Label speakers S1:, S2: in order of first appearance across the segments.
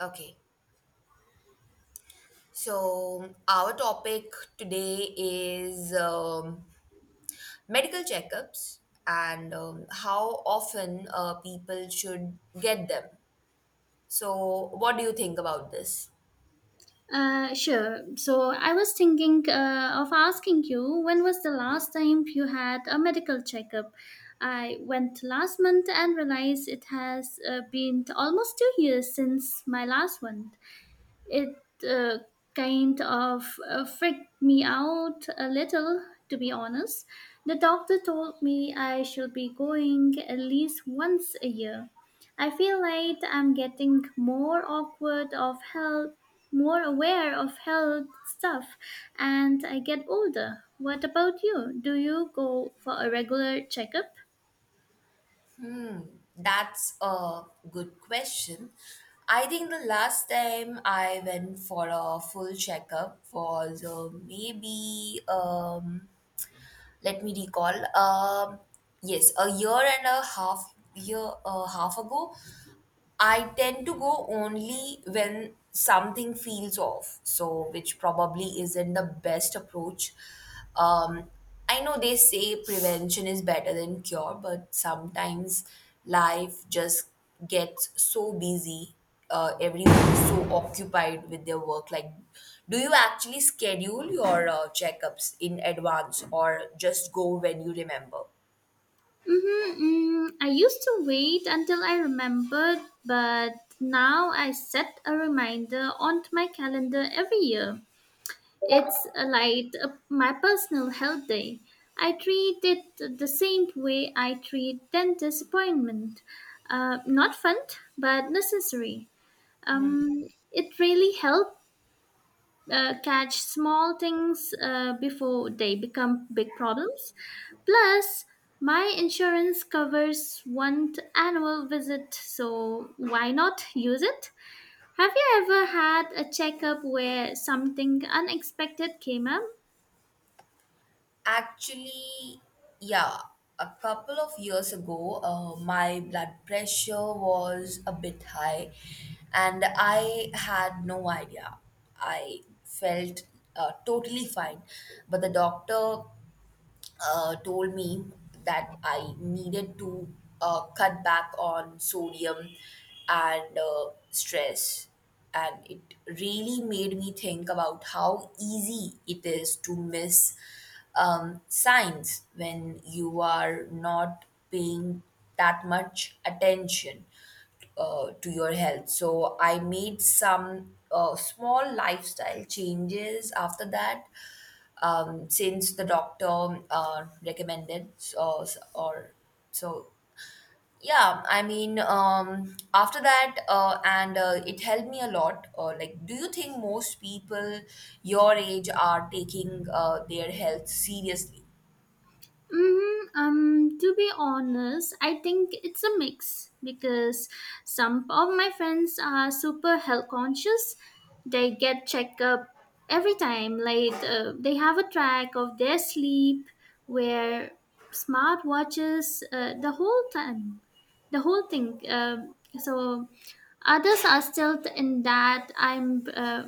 S1: Okay, so our topic today is medical checkups and how often people should get them. So, what do you think about this?
S2: Sure. So I was thinking of asking you, when was the last time you had a medical checkup? I went last month and realized it has been almost 2 years since my last one. It uh, kind of freaked me out a little, to be honest. The doctor told me I should be going at least once a year. I feel like I'm getting more awkward of health, more aware of health stuff, and I get older. What about you? Do you go for a regular checkup?
S1: Hmm, that's a good question. I think the last time I went for a full checkup was maybe, let me recall. Yes, a year and a half ago. I tend to go only when something feels off, so which probably isn't the best approach. Um, I know they say prevention is better than cure, but sometimes life just gets so busy. Everyone is so occupied with their work. Like, do you actually schedule your checkups in advance or just go when you remember?
S2: Mm-hmm. I used to wait until I remembered, but now I set a reminder onto my calendar every year. It's like my personal health day. I treat it the same way I treat dentist appointment. Not fun, but necessary. Um, it really helped catch small things before they become big problems. Plus, my insurance covers one annual visit, so why not use it? Have you ever had a checkup where something unexpected came up?
S1: Actually, yeah, a couple of years ago, my blood pressure was a bit high and I had no idea. I felt totally fine, but the doctor told me that I needed to cut back on sodium and stress. And it really made me think about how easy it is to miss signs when you are not paying that much attention to your health. So I made some small lifestyle changes after that since the doctor recommended so, so- or so yeah, I mean after that and it helped me a lot. Like, do you think most people your age are taking their health seriously?
S2: To be honest, I think it's a mix because some of my friends are super health conscious. They get checkup every time. Like they have a track of their sleep, wear smart watches the whole time, the whole thing. So others are still in that I'm uh,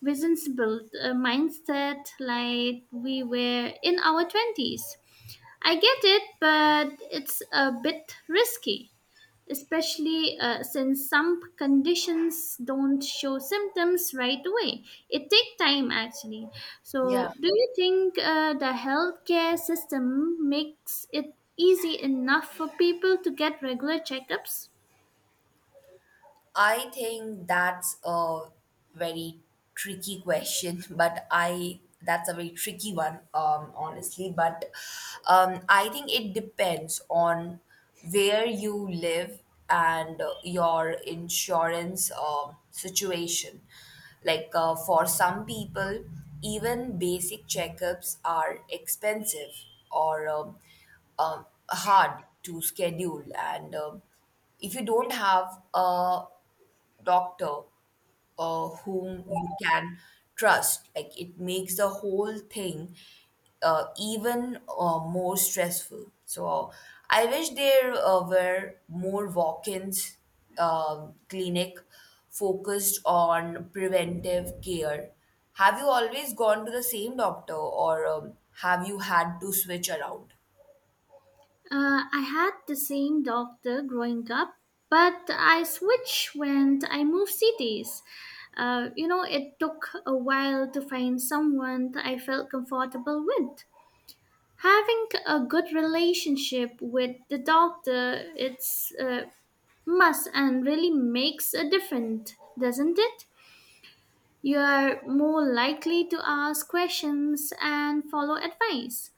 S2: responsible mindset. Like we were in our twenties, I get it, but it's a bit risky, especially since some conditions don't show symptoms right away. It takes time actually. So,
S1: Yeah.
S2: do you think the healthcare system makes it easy enough for people to get regular checkups?
S1: I think that's a very tricky question, but I that's a very tricky one, honestly. But I think it depends on where you live and your insurance situation. Like, for some people, even basic checkups are expensive or hard to schedule and. If you don't have a doctor whom you can trust. Like, it makes the whole thing even more stressful. So I wish there were more walk-ins clinic focused on preventive care. Have you always gone to the same doctor, or have you had to switch around?
S2: I had the same doctor growing up, but I switched when I moved cities. You know, it took a while to find someone that I felt comfortable with. Having a good relationship with the doctor, it's must and really makes a difference, doesn't it? You are more likely to ask questions and follow advice.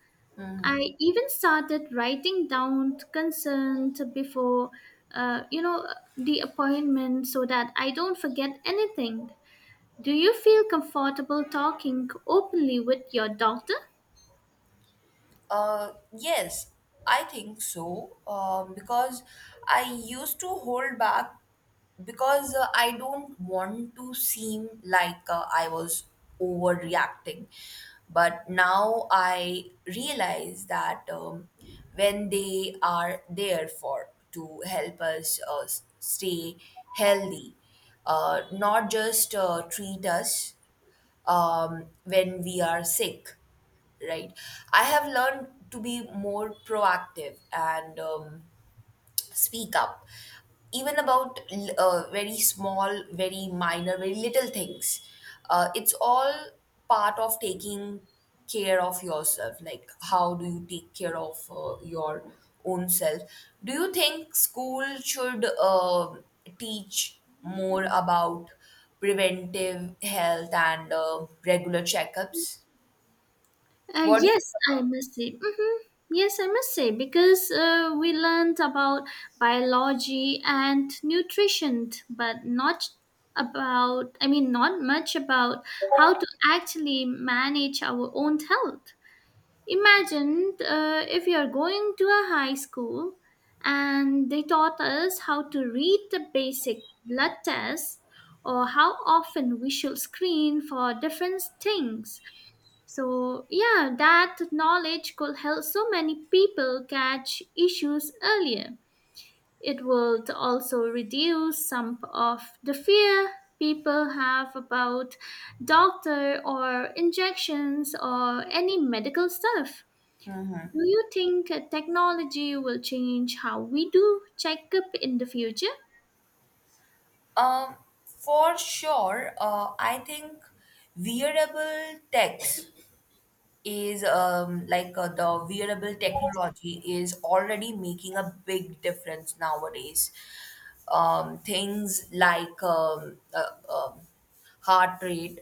S2: I even started writing down concerns before, you know, the appointment so that I don't forget anything. Do you feel comfortable talking openly with your doctor?
S1: Yes, I think so. Because I used to hold back because I don't want to seem like I was overreacting. But now I realize that when they are there for to help us stay healthy, not just treat us when we are sick, right? I have learned to be more proactive and speak up even about very small, very minor, very little things. Uh, it's all part of taking care of yourself. Like, how do you take care of your own self? Do you think school should teach more about preventive health and regular checkups? What do you think
S2: Yes, I
S1: about
S2: must say. Yes, I must say because we learned about biology and nutrition, but not about, I mean, not much about how to actually manage our own health. Imagine if you're going to a high school and they taught us how to read the basic blood tests or how often we should screen for different things. So, yeah, that knowledge could help so many people catch issues earlier. It would also reduce some of the fear people have about doctor or injections or any medical stuff. Do you think technology will change how we do checkup in the future?
S1: um, for sure. I think wearable techs is the wearable technology is already making a big difference nowadays. Things like heart rate,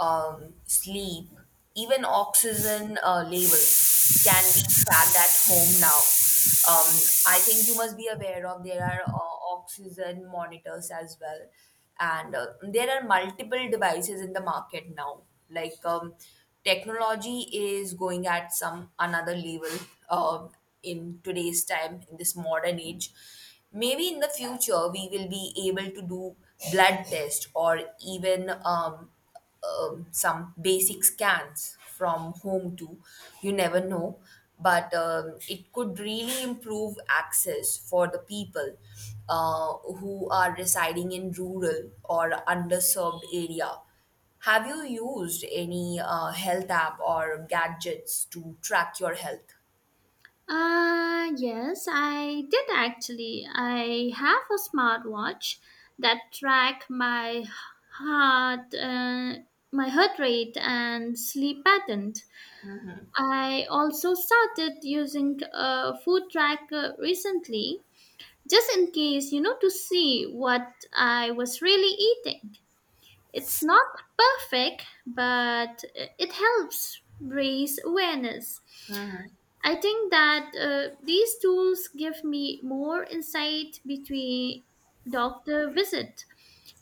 S1: sleep, even oxygen levels can be tracked at home now. Um, I think you must be aware of there are oxygen monitors as well, and there are multiple devices in the market now. Like, technology is going at some another level uh, in today's time, in this modern age. Maybe in the future we will be able to do blood test or even some basic scans from home too. You never know. But it could really improve access for the people who are residing in rural or underserved area. Have you used any health app or gadgets to track your health?
S2: Yes, I did actually. I have a smartwatch that track my heart, uh, heart rate and sleep pattern. I also started using a food tracker recently, just in case, you know, to see what I was really eating. It's not perfect, but it helps raise awareness. I think that these tools give me more insight between doctor visit.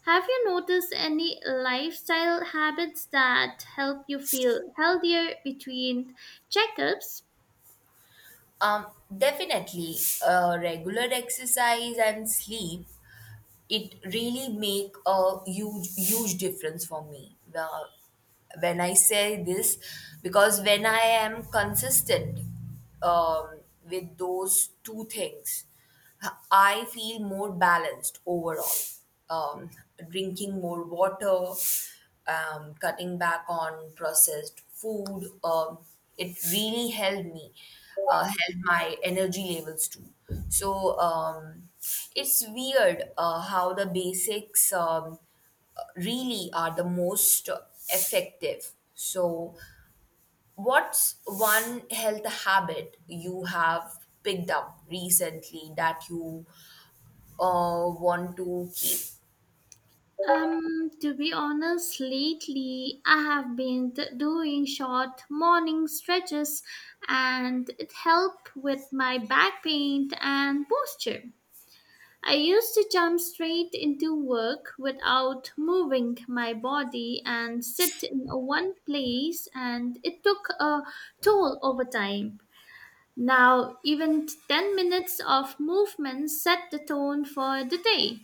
S2: Have you noticed any lifestyle habits that help you feel healthier between checkups?
S1: Um, Definitely, regular exercise and sleep, it really make a huge difference for me. When I say this, because when I am consistent um, with those two things, I feel more balanced overall. Drinking more water, cutting back on processed food. It really helped me, helped my energy levels too. So it's weird how the basics really are the most effective. So, what's one health habit you have picked up recently that you want to
S2: To be honest, lately I have doing short morning stretches and it helped with my back pain and posture. I used to jump straight into work without moving my body and sit in one place and it took a toll over time. Now, even 10 minutes of movement set the tone for the day.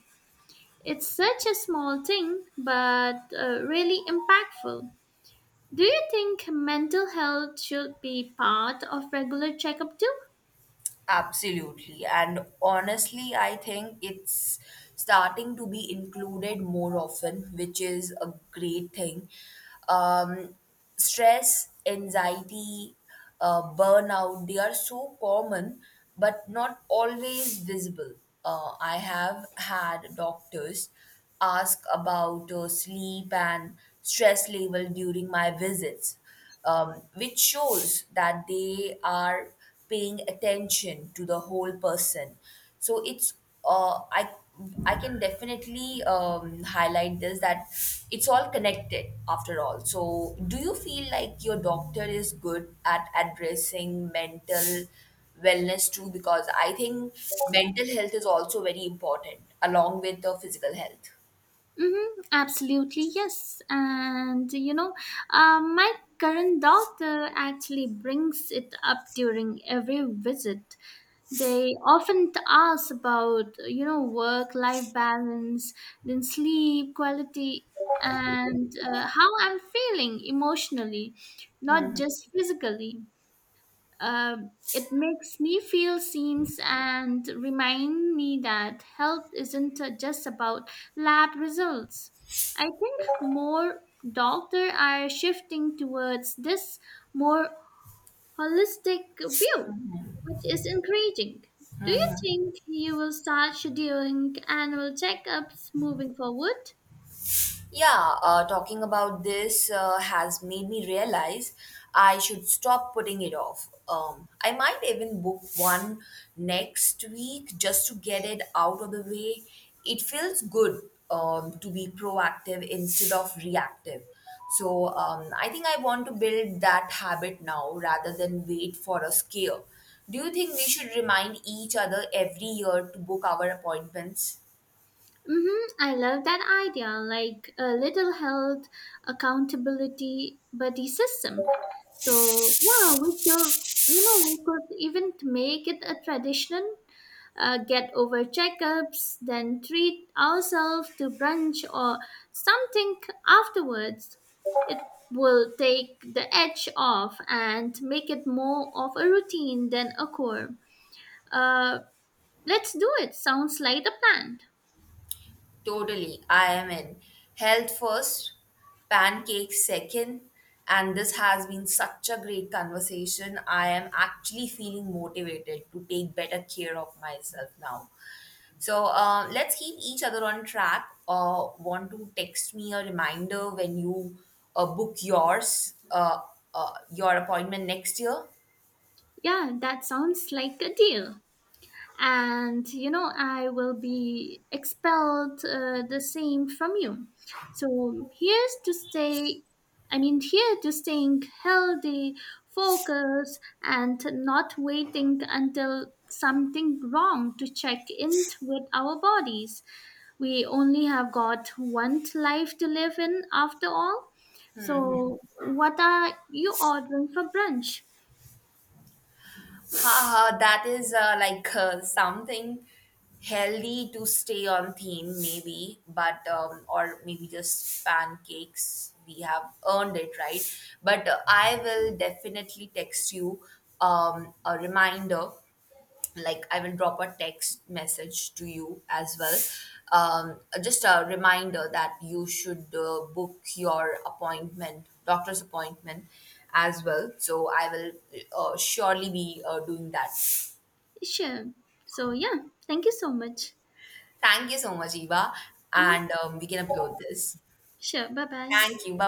S2: It's such a small thing, but really impactful. Do you think mental health should be part of regular checkup too?
S1: absolutely. And honestly, I think it's starting to be included more often, which is a great thing. Um, Stress, anxiety, burnout, they are so common, but not always visible. I have had doctors ask about sleep and stress level during my visits, which shows that they are paying attention to the whole person. So it's uh, I I can definitely highlight this, that it's all connected after all. So, do you feel like your doctor is good at addressing mental wellness too? Because I think mental health is also very important along with the physical health.
S2: Mm-hmm, absolutely, yes. And you know, my current doctor actually brings it up during every visit. They often ask about, you know, work life balance, then sleep quality, and how I'm feeling emotionally, not just physically. Uh, it makes me feel seen and remind me that health isn't just about lab results. I think more doctors are shifting towards this more holistic view, which is encouraging. Do you think you will start scheduling annual checkups moving forward?
S1: Yeah, talking about this has made me realize I should stop putting it off. I might even book one next week just to get it out of the way. It feels good to be proactive instead of reactive. So I think I want to build that habit now rather than wait for a scare. Do you think we should remind each other every year to book our appointments?
S2: Mm-hmm. I love that idea, like a little health accountability buddy system. So yeah, we should, you know, we could even make it a tradition, get over checkups, then treat ourselves to brunch or something afterwards. It will take the edge off and make it more of a routine than a chore. Uh, let's do it. Sounds like a plan.
S1: Totally. I am in. Health first, pancakes second. And this has been such a great conversation. I am actually feeling motivated to take better care of myself now. So let's keep each other on track. Want to text me a reminder when you book yours, your appointment next year?
S2: Yeah, that sounds like a deal. And you know, I will be expelled the same from you. So here to staying healthy, focused, and not waiting until something wrong to check in with our bodies. We only have got one life to live in after all. So what are you ordering for brunch?
S1: Ha, that is something healthy to stay on theme, maybe, but or maybe just pancakes. We have earned it, right? But I will definitely text you a reminder, like I will drop a text message to you as well. Just a reminder that you should book your appointment, doctor's appointment as well. So I will surely be doing that.
S2: Sure. So yeah, thank you so much.
S1: Thank you so much, Eva,
S2: Mhm.
S1: and we can upload this.
S2: 是，拜拜。
S1: Thank you, bye bye.